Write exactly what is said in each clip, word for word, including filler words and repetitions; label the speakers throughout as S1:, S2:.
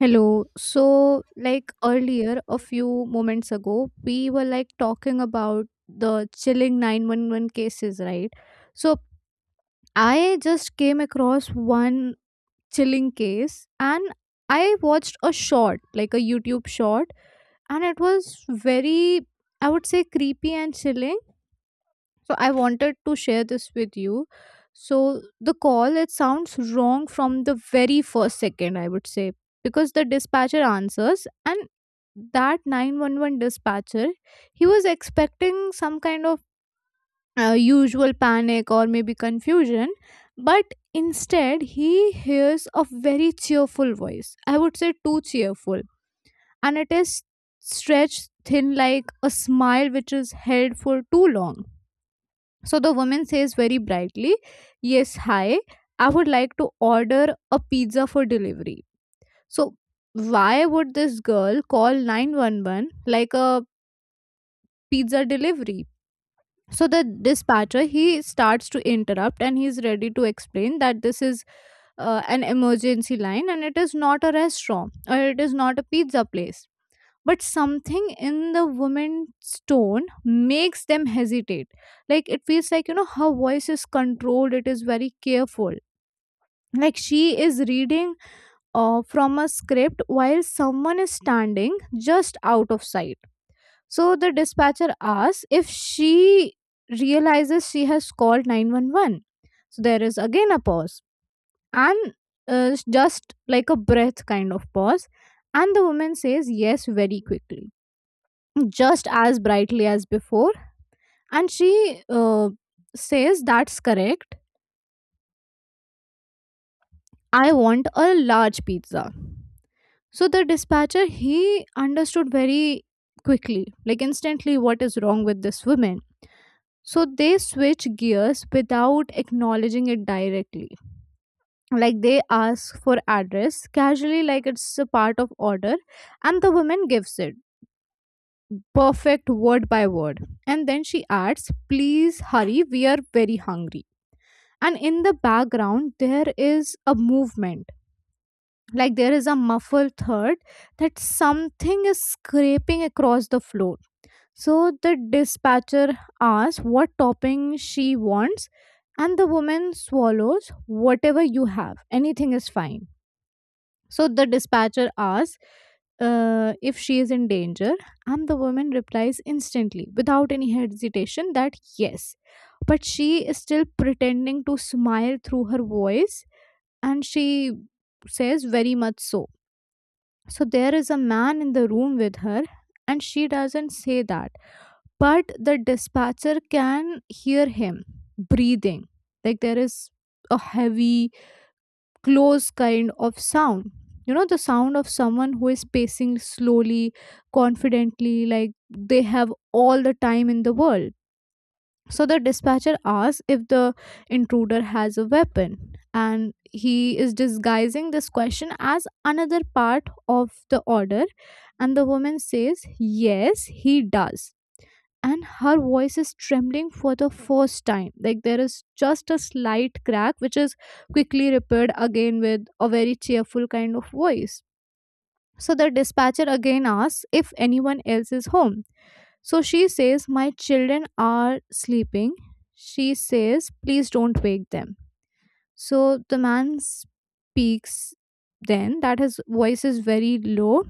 S1: Hello. So, like earlier, a few moments ago, we were like talking about the chilling nine one one cases, right? So, I just came across one chilling case and I watched a short, like a YouTube short, and it was very, I would say, creepy and chilling. So I wanted to share this with you. So the call, it sounds wrong from the very first second, I would say, because the dispatcher answers, and that nine one one dispatcher, he was expecting some kind of uh, usual panic or maybe confusion, but instead he hears a very cheerful voice, I would say too cheerful, and it is stretched thin like a smile which is held for too long. So the woman says very brightly, "Yes, hi, I would like to order a pizza for delivery." So why would this girl call nine one one like a pizza delivery? So the dispatcher, he starts to interrupt, and he's ready to explain that this is uh, an emergency line and it is not a restaurant or it is not a pizza place, but something in the woman's tone makes them hesitate. Like, it feels like, you know, her voice is controlled, it is very careful, like she is reading uh, from a script while someone is standing just out of sight. So the dispatcher asks if she realizes she has called nine one one. So there is again a pause, and uh, just like a breath kind of pause, and the woman says yes very quickly, just as brightly as before, and she uh, says, "That's correct, I want a large pizza." So the dispatcher, he understood very quickly, like instantly, what is wrong with this woman. So they switch gears without acknowledging it directly, like they ask for address casually like it's a part of order, and the woman gives it perfect, word by word, and then she adds, "Please hurry, we are very hungry." And in the background there is a movement, like there is a muffled thud, that something is scraping across the floor. So the dispatcher asks what topping she wants, and the woman swallows, "Whatever you have, anything is fine." So the dispatcher asks uh, if she is in danger, and the woman replies instantly, without any hesitation, that yes, but she is still pretending to smile through her voice, and she says, "Very much so." So there is a man in the room with her, and she doesn't say that, but the dispatcher can hear him breathing. Like, there is a heavy, close kind of sound. You know, the sound of someone who is pacing slowly, confidently, like they have all the time in the world. So the dispatcher asks if the intruder has a weapon, and he is disguising this question as another part of the order. And the woman says, "Yes, he does." And her voice is trembling for the first time. Like, there is just a slight crack, which is quickly repaired again with a very cheerful kind of voice. So the dispatcher again asks if anyone else is home, so she says, "My children are sleeping." She says, "Please don't wake them." So the man speaks then, that his voice is very low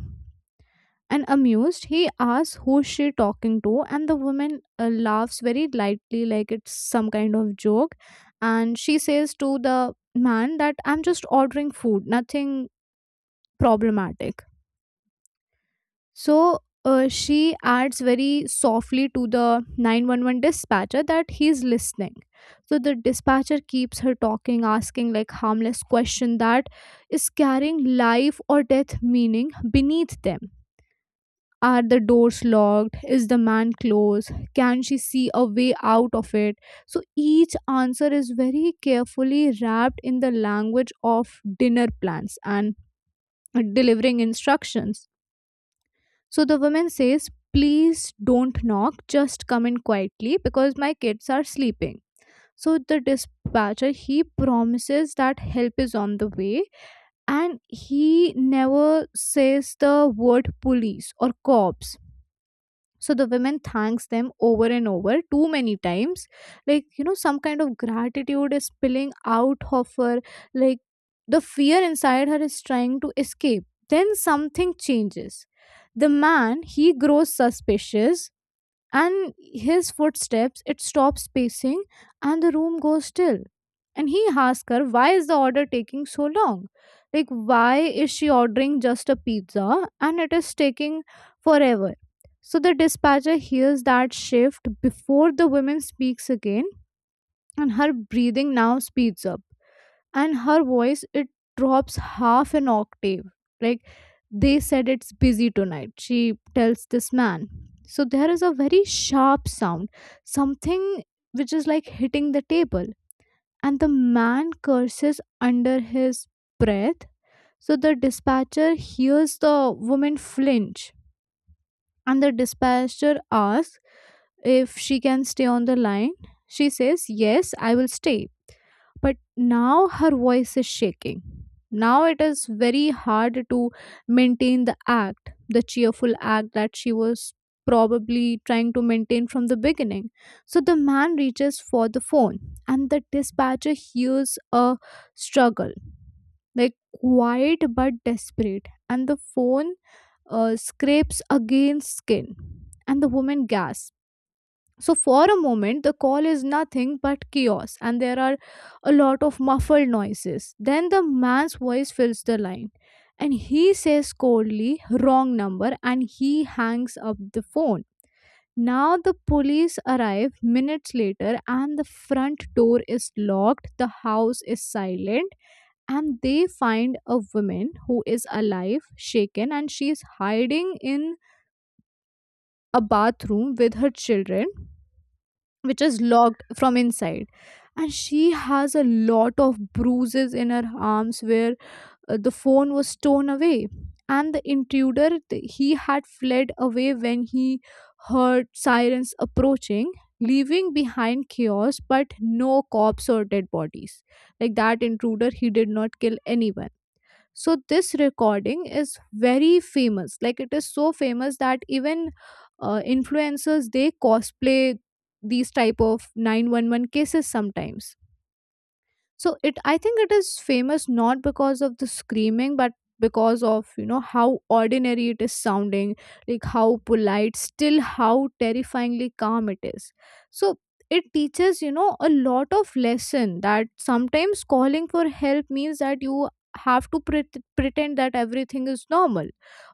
S1: and amused. He asks who she talking to, and the woman uh, laughs very lightly, like it's some kind of joke. And she says to the man that, "I'm just ordering food, nothing problematic." So uh, she adds very softly to the nine one one dispatcher that he's listening. So the dispatcher keeps her talking, asking like harmless question that is carrying life or death meaning beneath them. Are the doors locked? Is the man close? Can she see a way out of it? So each answer is very carefully wrapped in the language of dinner plans and delivering instructions. So the woman says, "Please don't knock, just come in quietly because my kids are sleeping." So the dispatcher, he promises that help is on the way, and he never says the word police or cops. So the women thanks them over and over, too many times, like, you know, some kind of gratitude is spilling out of her, like the fear inside her is trying to escape. Then something changes. The man, he grows suspicious, and his footsteps, it stops pacing, and the room goes still, and he asks her why is the order taking so long, like, why is she ordering just a pizza and it is taking forever. So the dispatcher hears that shift before the woman speaks again, and her breathing now speeds up, and her voice, it drops half an octave. Like, "They said it's busy tonight," she tells this man. So there is a very sharp sound, something which is like hitting the table, and the man curses under his breath. So the dispatcher hears the woman flinch, and the dispatcher asks if she can stay on the line. She says, "Yes, I will stay," but now her voice is shaking. Now it is very hard to maintain the act, the cheerful act that she was probably trying to maintain from the beginning. So the man reaches for the phone, and the dispatcher hears a struggle, like quiet but desperate, and the phone uh, scrapes against skin, and the woman gasps. So, for a moment, the call is nothing but chaos, and there are a lot of muffled noises. Then the man's voice fills the line, and he says coldly, "Wrong number," and he hangs up the phone. Now, the police arrive minutes later, and the front door is locked, the house is silent, and they find a woman who is alive, shaken, and she is hiding in a bathroom with her children, which is locked from inside, and she has a lot of bruises in her arms where uh, the phone was torn away. And the intruder, th- he had fled away when he heard sirens approaching, leaving behind chaos but no cops or dead bodies. Like, that intruder, he did not kill anyone. So this recording is very famous. Like, it is so famous that even uh, influencers, they cosplay these type of nine one one cases sometimes. So it I think it is famous not because of the screaming, but because of, you know, how ordinary it is sounding, like how polite, still how terrifyingly calm it is. So it teaches, you know, a lot of lesson that sometimes calling for help means that you have to pret- pretend that everything is normal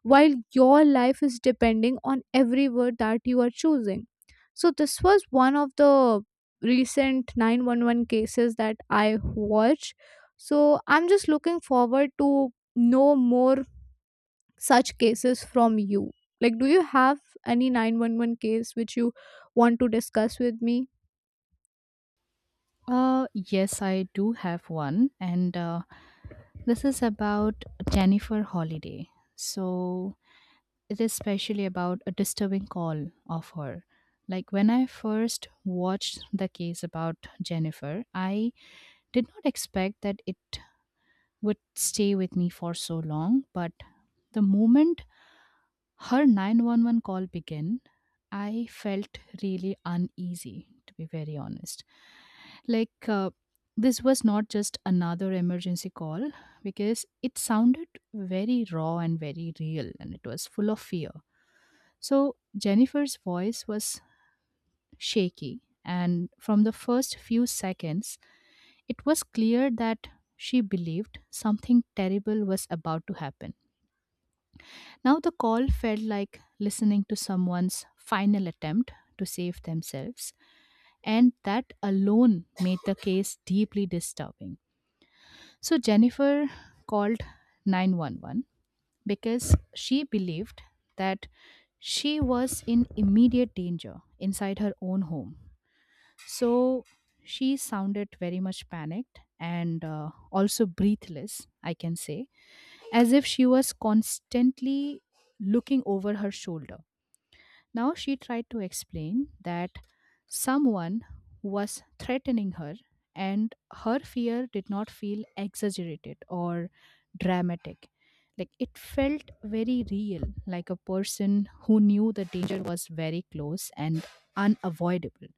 S1: while your life is depending on every word that you are choosing. So this was one of the recent nine one one cases that I watch. So I'm just looking forward to know more such cases from you. Like, do you have any nine one one case which you want to discuss with me?
S2: Uh, yes, I do have one, and uh, this is about Jennifer Holiday. So it is specially about a disturbing call of her. Like when I first watched the case about Jennifer, I did not expect that it would stay with me for so long, but the moment her nine one one call began, I felt really uneasy, to be very honest. Like, uh, this was not just another emergency call because it sounded very raw and very real and it was full of fear. So Jennifer's voice was shaky, and from the first few seconds, it was clear that she believed something terrible was about to happen. Now the call felt like listening to someone's final attempt to save themselves, and that alone made the case deeply disturbing. So Jennifer called nine one one because she believed that she was in immediate danger inside her own home. So she sounded very much panicked and uh, also breathless, I can say, as if she was constantly looking over her shoulder. Now she tried to explain that someone was threatening her, and her fear did not feel exaggerated or dramatic. Like it felt very real, like a person who knew the danger was very close and unavoidable.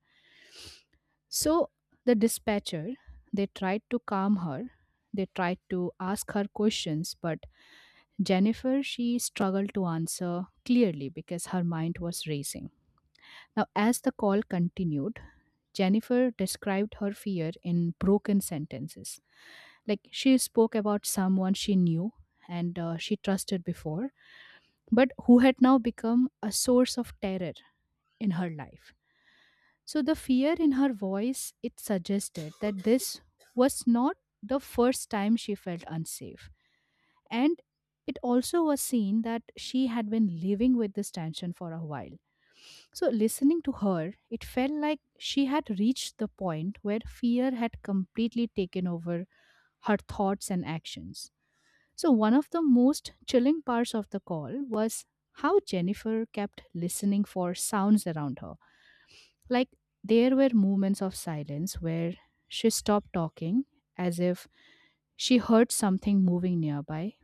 S2: So the dispatcher, they tried to calm her. They tried to ask her questions, but Jennifer, she struggled to answer clearly because her mind was racing. Now, as the call continued, Jennifer described her fear in broken sentences. Like she spoke about someone she knew and uh, she trusted before, but who had now become a source of terror in her life. So the fear in her voice, it suggested that this was not the first time she felt unsafe, and it also was seen that she had been living with this tension for a while. So, listening to her, it felt like she had reached the point where fear had completely taken over her thoughts and actions. So, one of the most chilling parts of the call was how Jennifer kept listening for sounds around her. Like, there were moments of silence where she stopped talking as if she heard something moving nearby,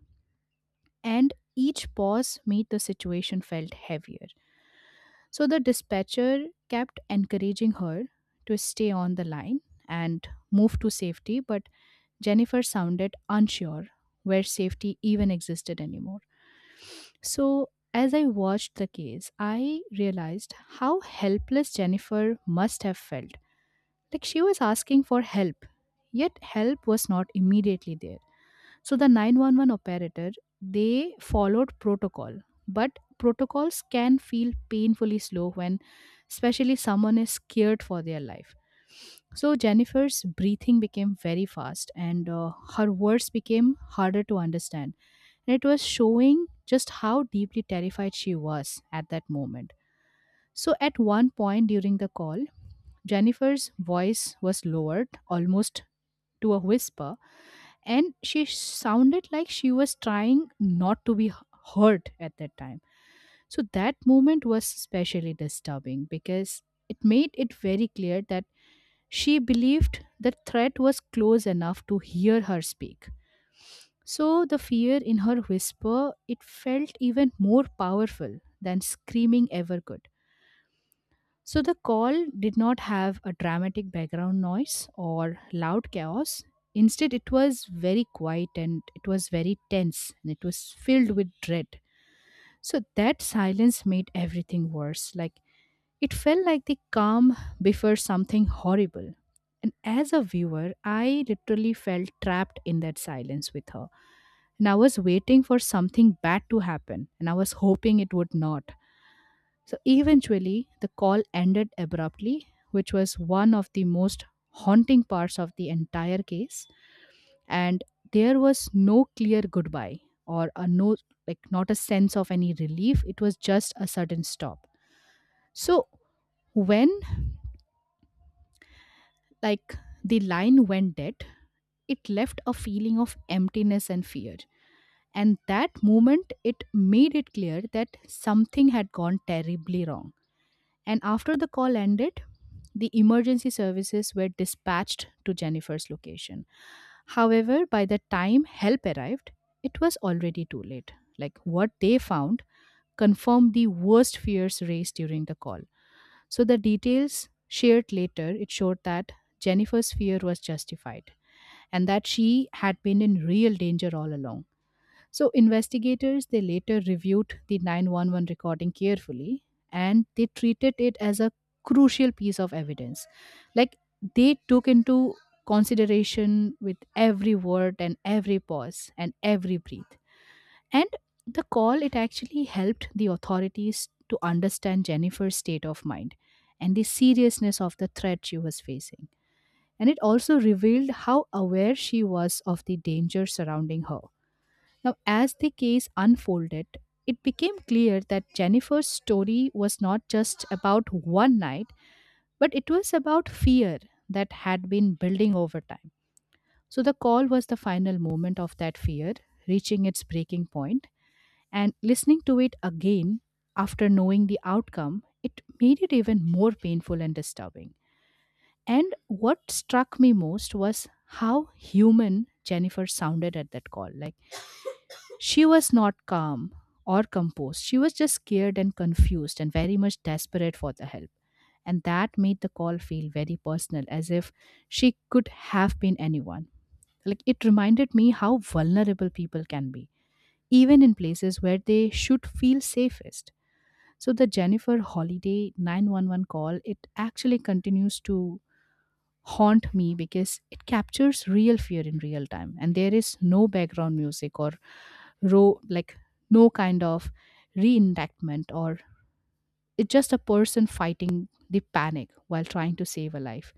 S2: and each pause made the situation felt heavier. So the dispatcher kept encouraging her to stay on the line and move to safety, but Jennifer sounded unsure where safety even existed anymore. So as I watched the case, I realized how helpless Jennifer must have felt. Like she was asking for help, yet help was not immediately there. So the nine one one operator, they followed protocol, but protocols can feel painfully slow when especially someone is scared for their life. So Jennifer's breathing became very fast and uh, her words became harder to understand. And it was showing just how deeply terrified she was at that moment. So at one point during the call, Jennifer's voice was lowered almost to a whisper, and she sounded like she was trying not to be h- hurt at that time. So that moment was especially disturbing because it made it very clear that she believed the threat was close enough to hear her speak. So the fear in her whisper, it felt even more powerful than screaming ever could. So the call did not have a dramatic background noise or loud chaos. Instead, it was very quiet and it was very tense and it was filled with dread. So that silence made everything worse. Like it felt like the calm before something horrible. And as a viewer, I literally felt trapped in that silence with her. And I was waiting for something bad to happen and I was hoping it would not. So eventually, the call ended abruptly, which was one of the most haunting parts of the entire case. And there was no clear goodbye or a no, like not a sense of any relief. It was just a sudden stop. So when like the line went dead, it left a feeling of emptiness and fear. And that moment, it made it clear that something had gone terribly wrong. And after the call ended, the emergency services were dispatched to Jennifer's location. However, by the time help arrived, it was already too late. Like what they found confirmed the worst fears raised during the call. So the details shared later, it showed that Jennifer's fear was justified and that she had been in real danger all along. So investigators, they later reviewed the nine one one recording carefully and they treated it as a crucial piece of evidence. Like they took into consideration with every word and every pause and every breath. And the call, it actually helped the authorities to understand Jennifer's state of mind and the seriousness of the threat she was facing. And it also revealed how aware she was of the danger surrounding her. Now, as the case unfolded, it became clear that Jennifer's story was not just about one night, but it was about fear that had been building over time. So, the call was the final moment of that fear reaching its breaking point, and listening to it again after knowing the outcome, it made it even more painful and disturbing. And what struck me most was how human Jennifer sounded at that call. Like, she was not calm or composed. She was just scared and confused and very much desperate for the help. And that made the call feel very personal, as if she could have been anyone. Like it reminded me how vulnerable people can be, even in places where they should feel safest. So the Jennifer Holiday nine one one call, it actually continues to haunt me because it captures real fear in real time and there is no background music or ro- like no kind of reenactment, or it's just a person fighting the panic while trying to save a life.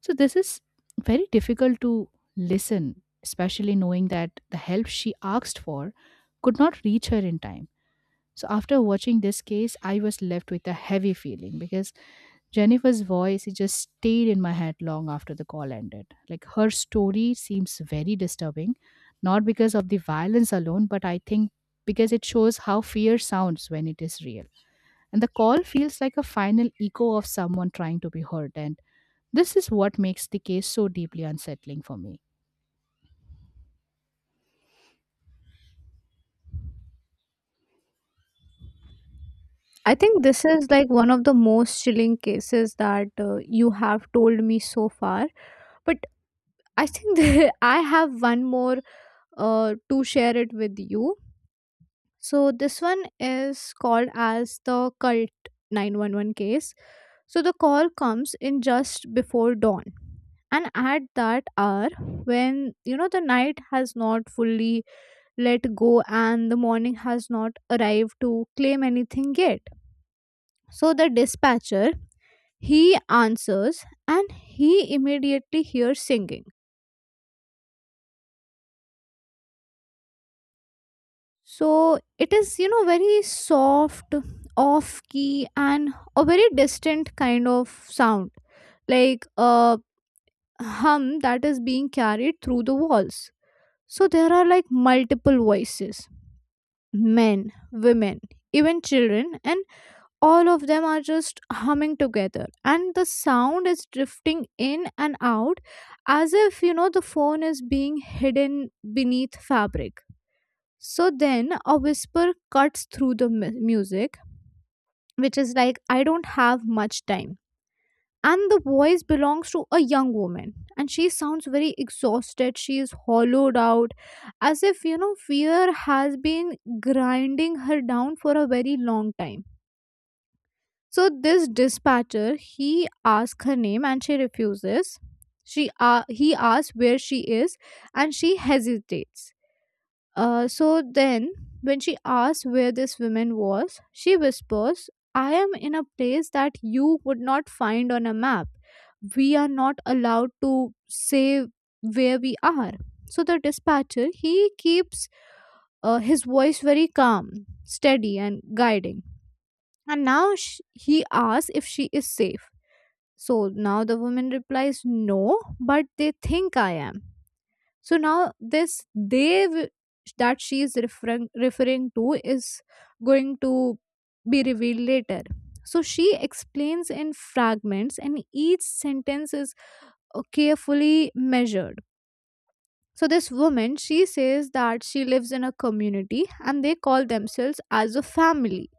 S2: So this is very difficult to listen, especially knowing that the help she asked for could not reach her in time. So after watching this case, I was left with a heavy feeling because Jennifer's voice, it just stayed in my head long after the call ended. Like her story seems very disturbing, not because of the violence alone, but I think because it shows how fear sounds when it is real. And the call feels like a final echo of someone trying to be heard. And this is what makes the case so deeply unsettling for me.
S1: I think this is like one of the most chilling cases that uh, you have told me so far. But I think that I have one more uh, to share it with you. So this one is called as the cult nine one one case. So the call comes in just before dawn. And at that hour, when, you know, the night has not fully let go and the morning has not arrived to claim anything yet. So the dispatcher, he answers, and he immediately hears singing. So it is, you know, very soft, off key, and a very distant kind of sound, like a hum that is being carried through the walls. So there are like multiple voices, men, women, even children, and all of them are just humming together. And the sound is drifting in and out as if, you know, the phone is being hidden beneath fabric. So then a whisper cuts through the mu- music, which is like, "I don't have much time," and the voice belongs to a young woman, and she sounds very exhausted, she is hollowed out, as if, you know, fear has been grinding her down for a very long time. So this dispatcher, he asks her name and she refuses. She uh, He asks where she is, and she hesitates. Uh, so then, when she asks where this woman was, she whispers, "I am in a place that you would not find on a map. We are not allowed to say where we are." So the dispatcher, he keeps uh, his voice very calm, steady, and guiding. And now sh- he asks if she is safe. So now the woman replies, "No, but they think I am," so now this they w- that she is referring referring to is going to be revealed later. So she explains in fragments, and each sentence is uh, carefully measured. So this woman, she says that she lives in a community and they call themselves as a family,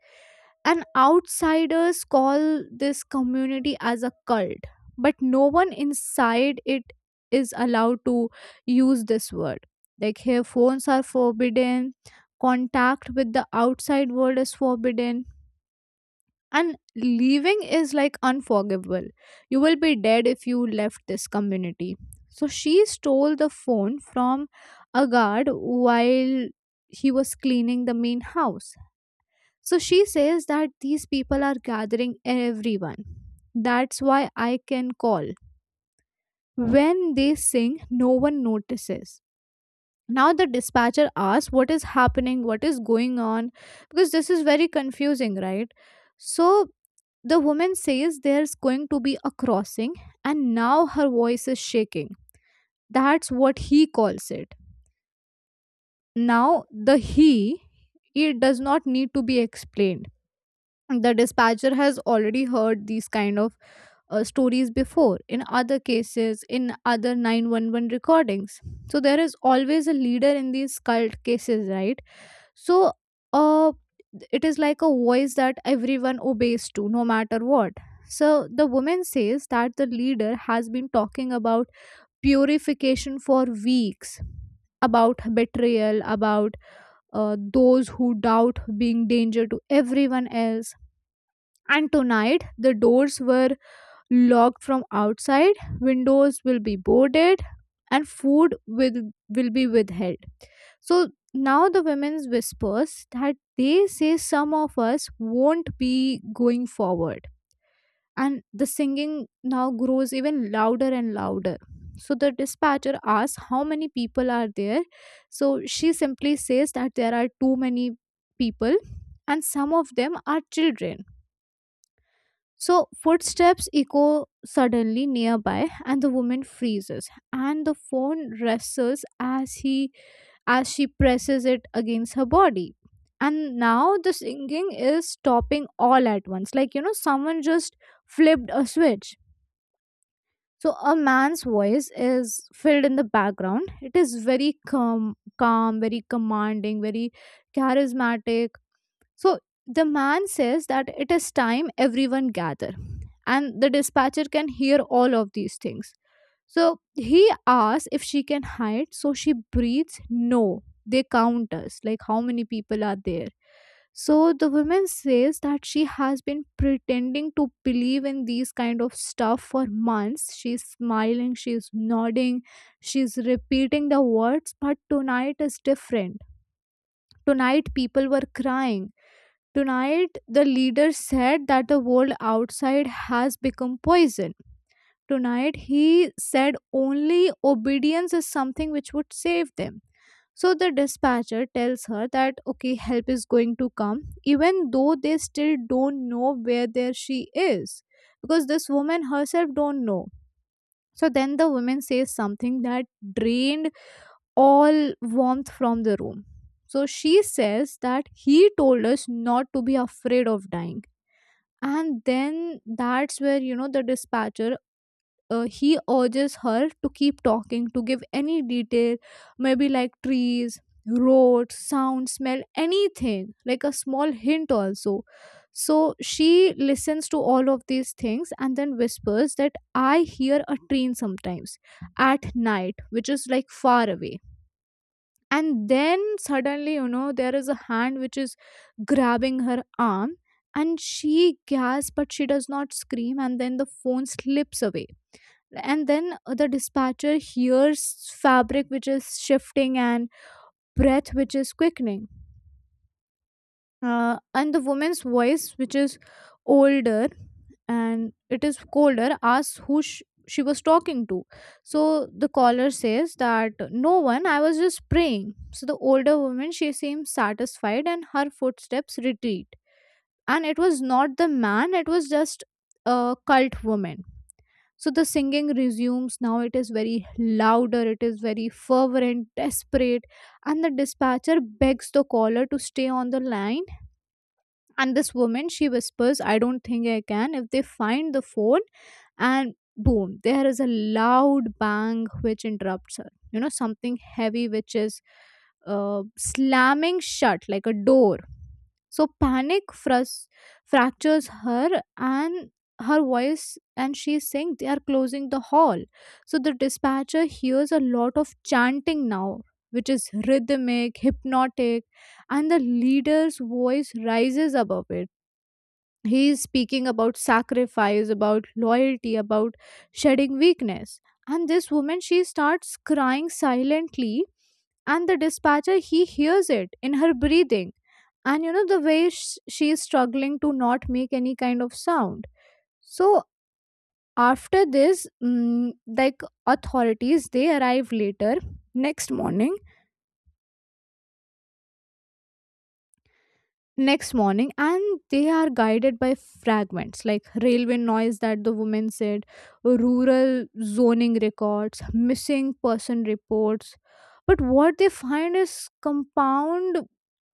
S1: and outsiders call this community as a cult, but no one inside it is allowed to use this word. Like here phones are forbidden, contact with the outside world is forbidden, and leaving is like unforgivable. You will be dead if you left this community. So she stole the phone from a guard while he was cleaning the main house. So she says that these people are gathering everyone. That's why I can call. When they sing, no one notices. Now the dispatcher asks what is happening, what is going on, because this is very confusing, right? So the woman says there's going to be a crossing, and now her voice is shaking. That's what he calls it. Now, the he, it does not need to be explained. The dispatcher has already heard these kind of uh, stories before, in other cases, in other nine one one recordings. So there is always a leader in these cult cases, right? So uh, it is like a voice that everyone obeys to, no matter what. So the woman says that the leader has been talking about purification for weeks, about betrayal, about uh, those who doubt being danger to everyone else. And tonight, the doors were locked from outside, windows will be boarded, and food will, will be withheld. So now the women's whispers that they say some of us won't be going forward. And the singing now grows even louder and louder. So the dispatcher asks how many people are there. So she simply says that there are too many people, and some of them are children. So footsteps echo suddenly nearby, and the woman freezes and the phone wrestles as he as she presses it against her body. And now the singing is stopping all at once. Like you know, someone just flipped a switch. So a man's voice is filled in the background. It is very calm, calm, very commanding, very charismatic. So the man says that it is time everyone gather, and the dispatcher can hear all of these things. So he asks if she can hide, so she breathes no. They count us, like how many people are there. So the woman says that she has been pretending to believe in these kind of stuff for months. She's smiling, she's nodding, she's repeating the words, but tonight is different. Tonight people were crying. Tonight, the leader said that the world outside has become poison. Tonight, he said only obedience is something which would save them. So the dispatcher tells her that okay, help is going to come, even though they still don't know where there she is, because this woman herself don't know. So then the woman says something that drained all warmth from the room. So she says that he told us not to be afraid of dying. And then that's where you know the dispatcher uh, he urges her to keep talking, to give any detail, maybe like trees, roads, sound, smell, anything, like a small hint also. So she listens to all of these things and then whispers that I hear a train sometimes at night, which is like far away. And then suddenly, you know, there is a hand which is grabbing her arm, and she gasps, but she does not scream. And then the phone slips away. And then the dispatcher hears fabric which is shifting and breath which is quickening, uh, and the woman's voice, which is older and it is colder, asks who sh- she was talking to. So the caller says that no one, I was just praying. So the older woman, she seems satisfied, and her footsteps retreat. And it was not the man, it was just a cult woman. So the singing resumes, now it is very louder, it is very fervent, desperate. And the dispatcher begs the caller to stay on the line. And this woman, she whispers, I don't think I can. If they find the phone, and boom, there is a loud bang which interrupts her, you know, something heavy which is uh, slamming shut like a door. So panic frus- fractures her and her voice, and she's saying they are closing the hall. So the dispatcher hears a lot of chanting now, which is rhythmic, hypnotic. And the leader's voice rises above it. He is speaking about sacrifice, about loyalty, about shedding weakness. And this woman, she starts crying silently, and the dispatcher, he hears it in her breathing, and you know the way sh- she is struggling to not make any kind of sound. So after this, mm, like authorities, they arrive later, next morning, next morning, and they are guided by fragments, like railway noise that the woman said, rural zoning records, missing person reports. But what they find is compound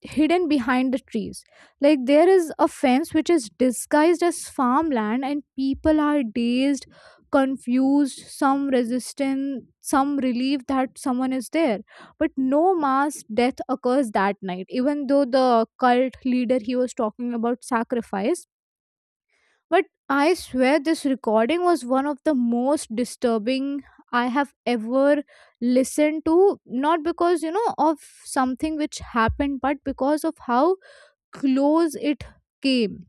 S1: hidden behind the trees. Like there is a fence which is disguised as farmland, and people are dazed, confused, some resistant, some relieved that someone is there. But no mass death occurs that night, even though the cult leader, he was talking about sacrifice. But I swear this recording was one of the most disturbing I have ever listened to. Not because you know of something which happened, but because of how close it came.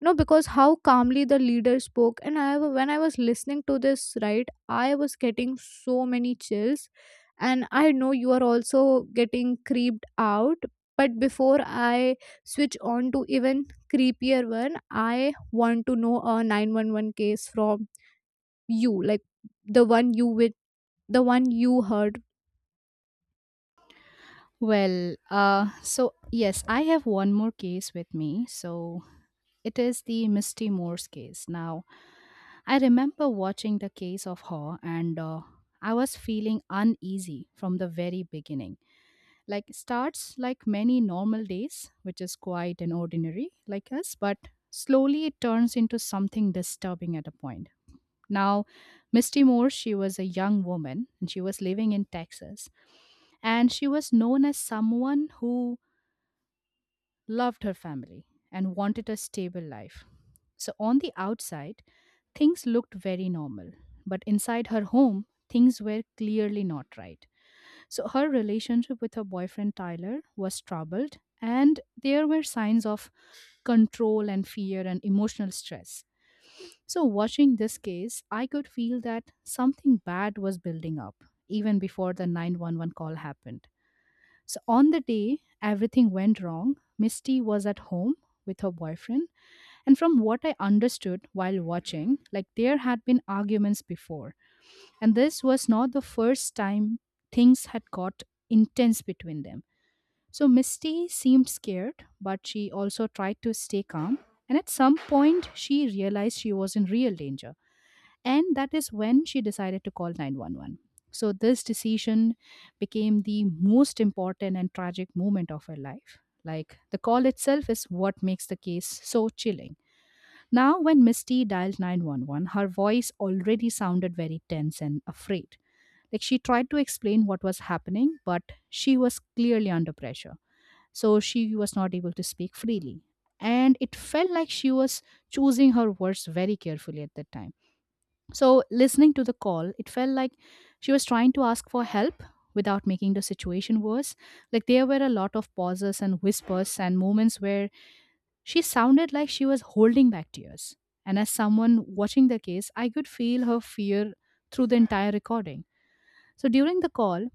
S1: No, because how calmly the leader spoke. And i wa- when I was listening to this, right, I was getting so many chills. And I know you are also getting creeped out. But before I switch on to even creepier one, I want to know a nine one one case from you, like the one you with the one you heard.
S2: Well, uh, so yes, I have one more case with me. So it is the Misty Moore's case. Now, I remember watching the case of her and uh, I was feeling uneasy from the very beginning. Like it starts like many normal days, which is quite an ordinary like us, but slowly it turns into something disturbing at a point. Now, Misty Moore, she was a young woman and she was living in Texas. And she was known as someone who loved her family, and wanted a stable life. So, on the outside, things looked very normal, but inside her home, things were clearly not right. So, her relationship with her boyfriend Tyler was troubled, and there were signs of control and fear and emotional stress. So, watching this case, I could feel that something bad was building up even before the nine one one call happened. So on the day everything went wrong, Misty was at home with her boyfriend. And from what I understood while watching, like there had been arguments before. And this was not the first time things had got intense between them. So Misty seemed scared, but she also tried to stay calm. And at some point, she realized she was in real danger. And that is when she decided to call nine one one. So, this decision became the most important and tragic moment of her life. Like, the call itself is what makes the case so chilling. Now, when Misty dialed nine one one, her voice already sounded very tense and afraid. Like, she tried to explain what was happening, but she was clearly under pressure. So, she was not able to speak freely. And it felt like she was choosing her words very carefully at that time. So, listening to the call, it felt like she was trying to ask for help without making the situation worse. Like, there were a lot of pauses and whispers and moments where she sounded like she was holding back tears. And as someone watching the case, I could feel her fear through the entire recording. So, during the call,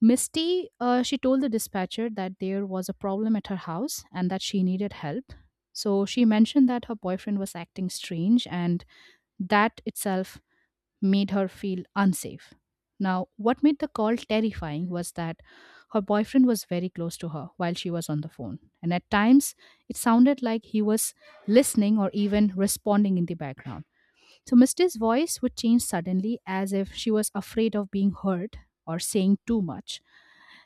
S2: Misty, uh, she told the dispatcher that there was a problem at her house and that she needed help. So, she mentioned that her boyfriend was acting strange and that itself made her feel unsafe. Now, what made the call terrifying was that her boyfriend was very close to her while she was on the phone. And at times, it sounded like he was listening or even responding in the background. So, Misty's voice would change suddenly as if she was afraid of being heard or saying too much.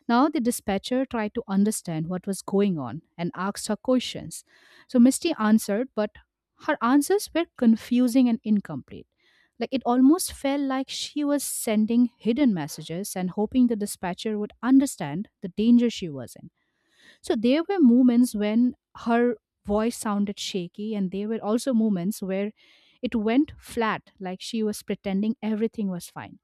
S2: Now the dispatcher tried to understand what was going on and asked her questions. So Misty answered, but her answers were confusing and incomplete. Like, it almost felt like she was sending hidden messages and hoping the dispatcher would understand the danger she was in. So there were moments when her voice sounded shaky, and there were also moments where it went flat, like she was pretending everything was fine.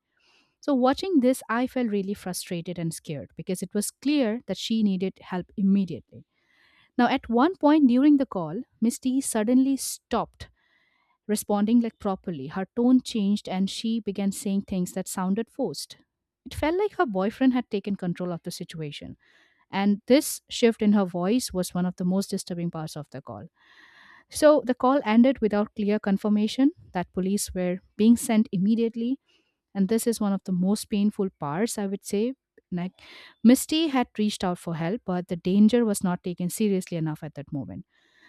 S2: So, watching this, I felt really frustrated and scared because it was clear that she needed help immediately. Now, at one point during the call, Misty suddenly stopped responding, like, properly. Her tone changed and she began saying things that sounded forced. It felt like her boyfriend had taken control of the situation. And this shift in her voice was one of the most disturbing parts of the call. So the call ended without clear confirmation that police were being sent immediately, and this is one of the most painful parts, I would say. Like, Misty had reached out for help, but the danger was not taken seriously enough at that moment.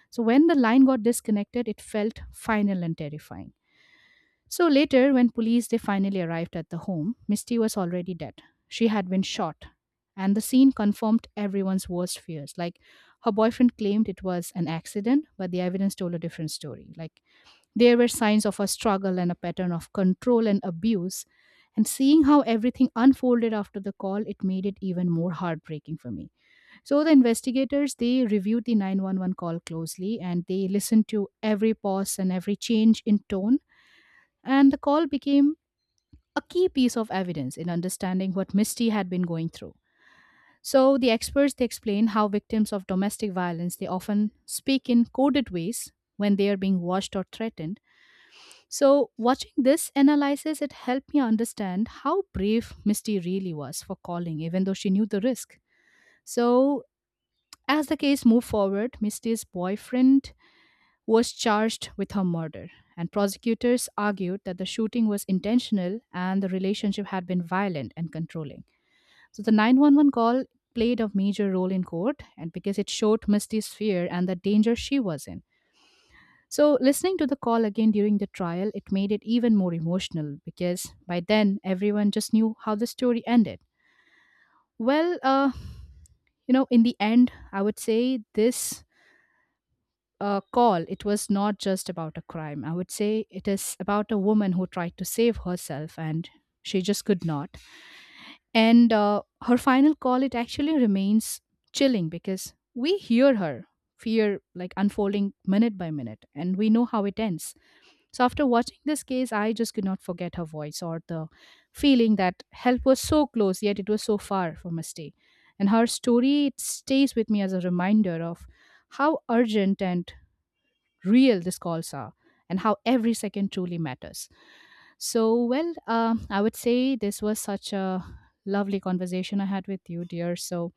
S2: So when the line got disconnected, it felt final and terrifying. So later, when police they finally arrived at the home, Misty was already dead. She had been shot, and the scene confirmed everyone's worst fears. Like, her boyfriend claimed it was an accident, but the evidence told a different story. Like, there were signs of a struggle and a pattern of control and abuse. And seeing how everything unfolded after the call, it made it even more heartbreaking for me. So the investigators they reviewed the nine one one call closely and they listened to every pause and every change in tone. And the call became a key piece of evidence in understanding what Misty had been going through. So the experts they explain how victims of domestic violence they often speak in coded ways when they are being watched or threatened. So, watching this analysis, it helped me understand how brave Misty really was for calling, even though she knew the risk. So, as the case moved forward, Misty's boyfriend was charged with her murder, and prosecutors argued that the shooting was intentional and the relationship had been violent and controlling. So, the nine one one call played a major role in court, and because it showed Misty's fear and the danger she was in. So, listening to the call again during the trial, it made it even more emotional because by then everyone just knew how the story ended. Well, uh, you know, in the end, I would say this uh, call, it was not just about a crime. I would say it is about a woman who tried to save herself and she just could not. And uh, her final call, it actually remains chilling because we hear her fear, like, unfolding minute by minute, and we know how it ends. So after watching this case, I just could not forget her voice or the feeling that help was so close, yet it was so far from a stay. And her story it stays with me as a reminder of how urgent and real these calls are, and how every second truly matters. So, well, um, I would say this was such a lovely conversation I had with you, dear. So,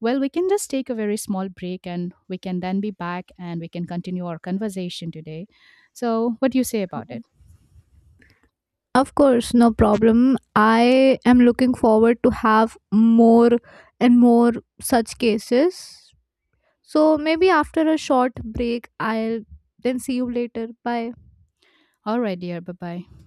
S2: well, we can just take a very small break and we can then be back and we can continue our conversation today. So, what do you say about it?
S1: Of course, no problem. I am looking forward to have more and more such cases. So maybe after a short break, I'll then see you later. Bye.
S2: All right, dear. Bye bye.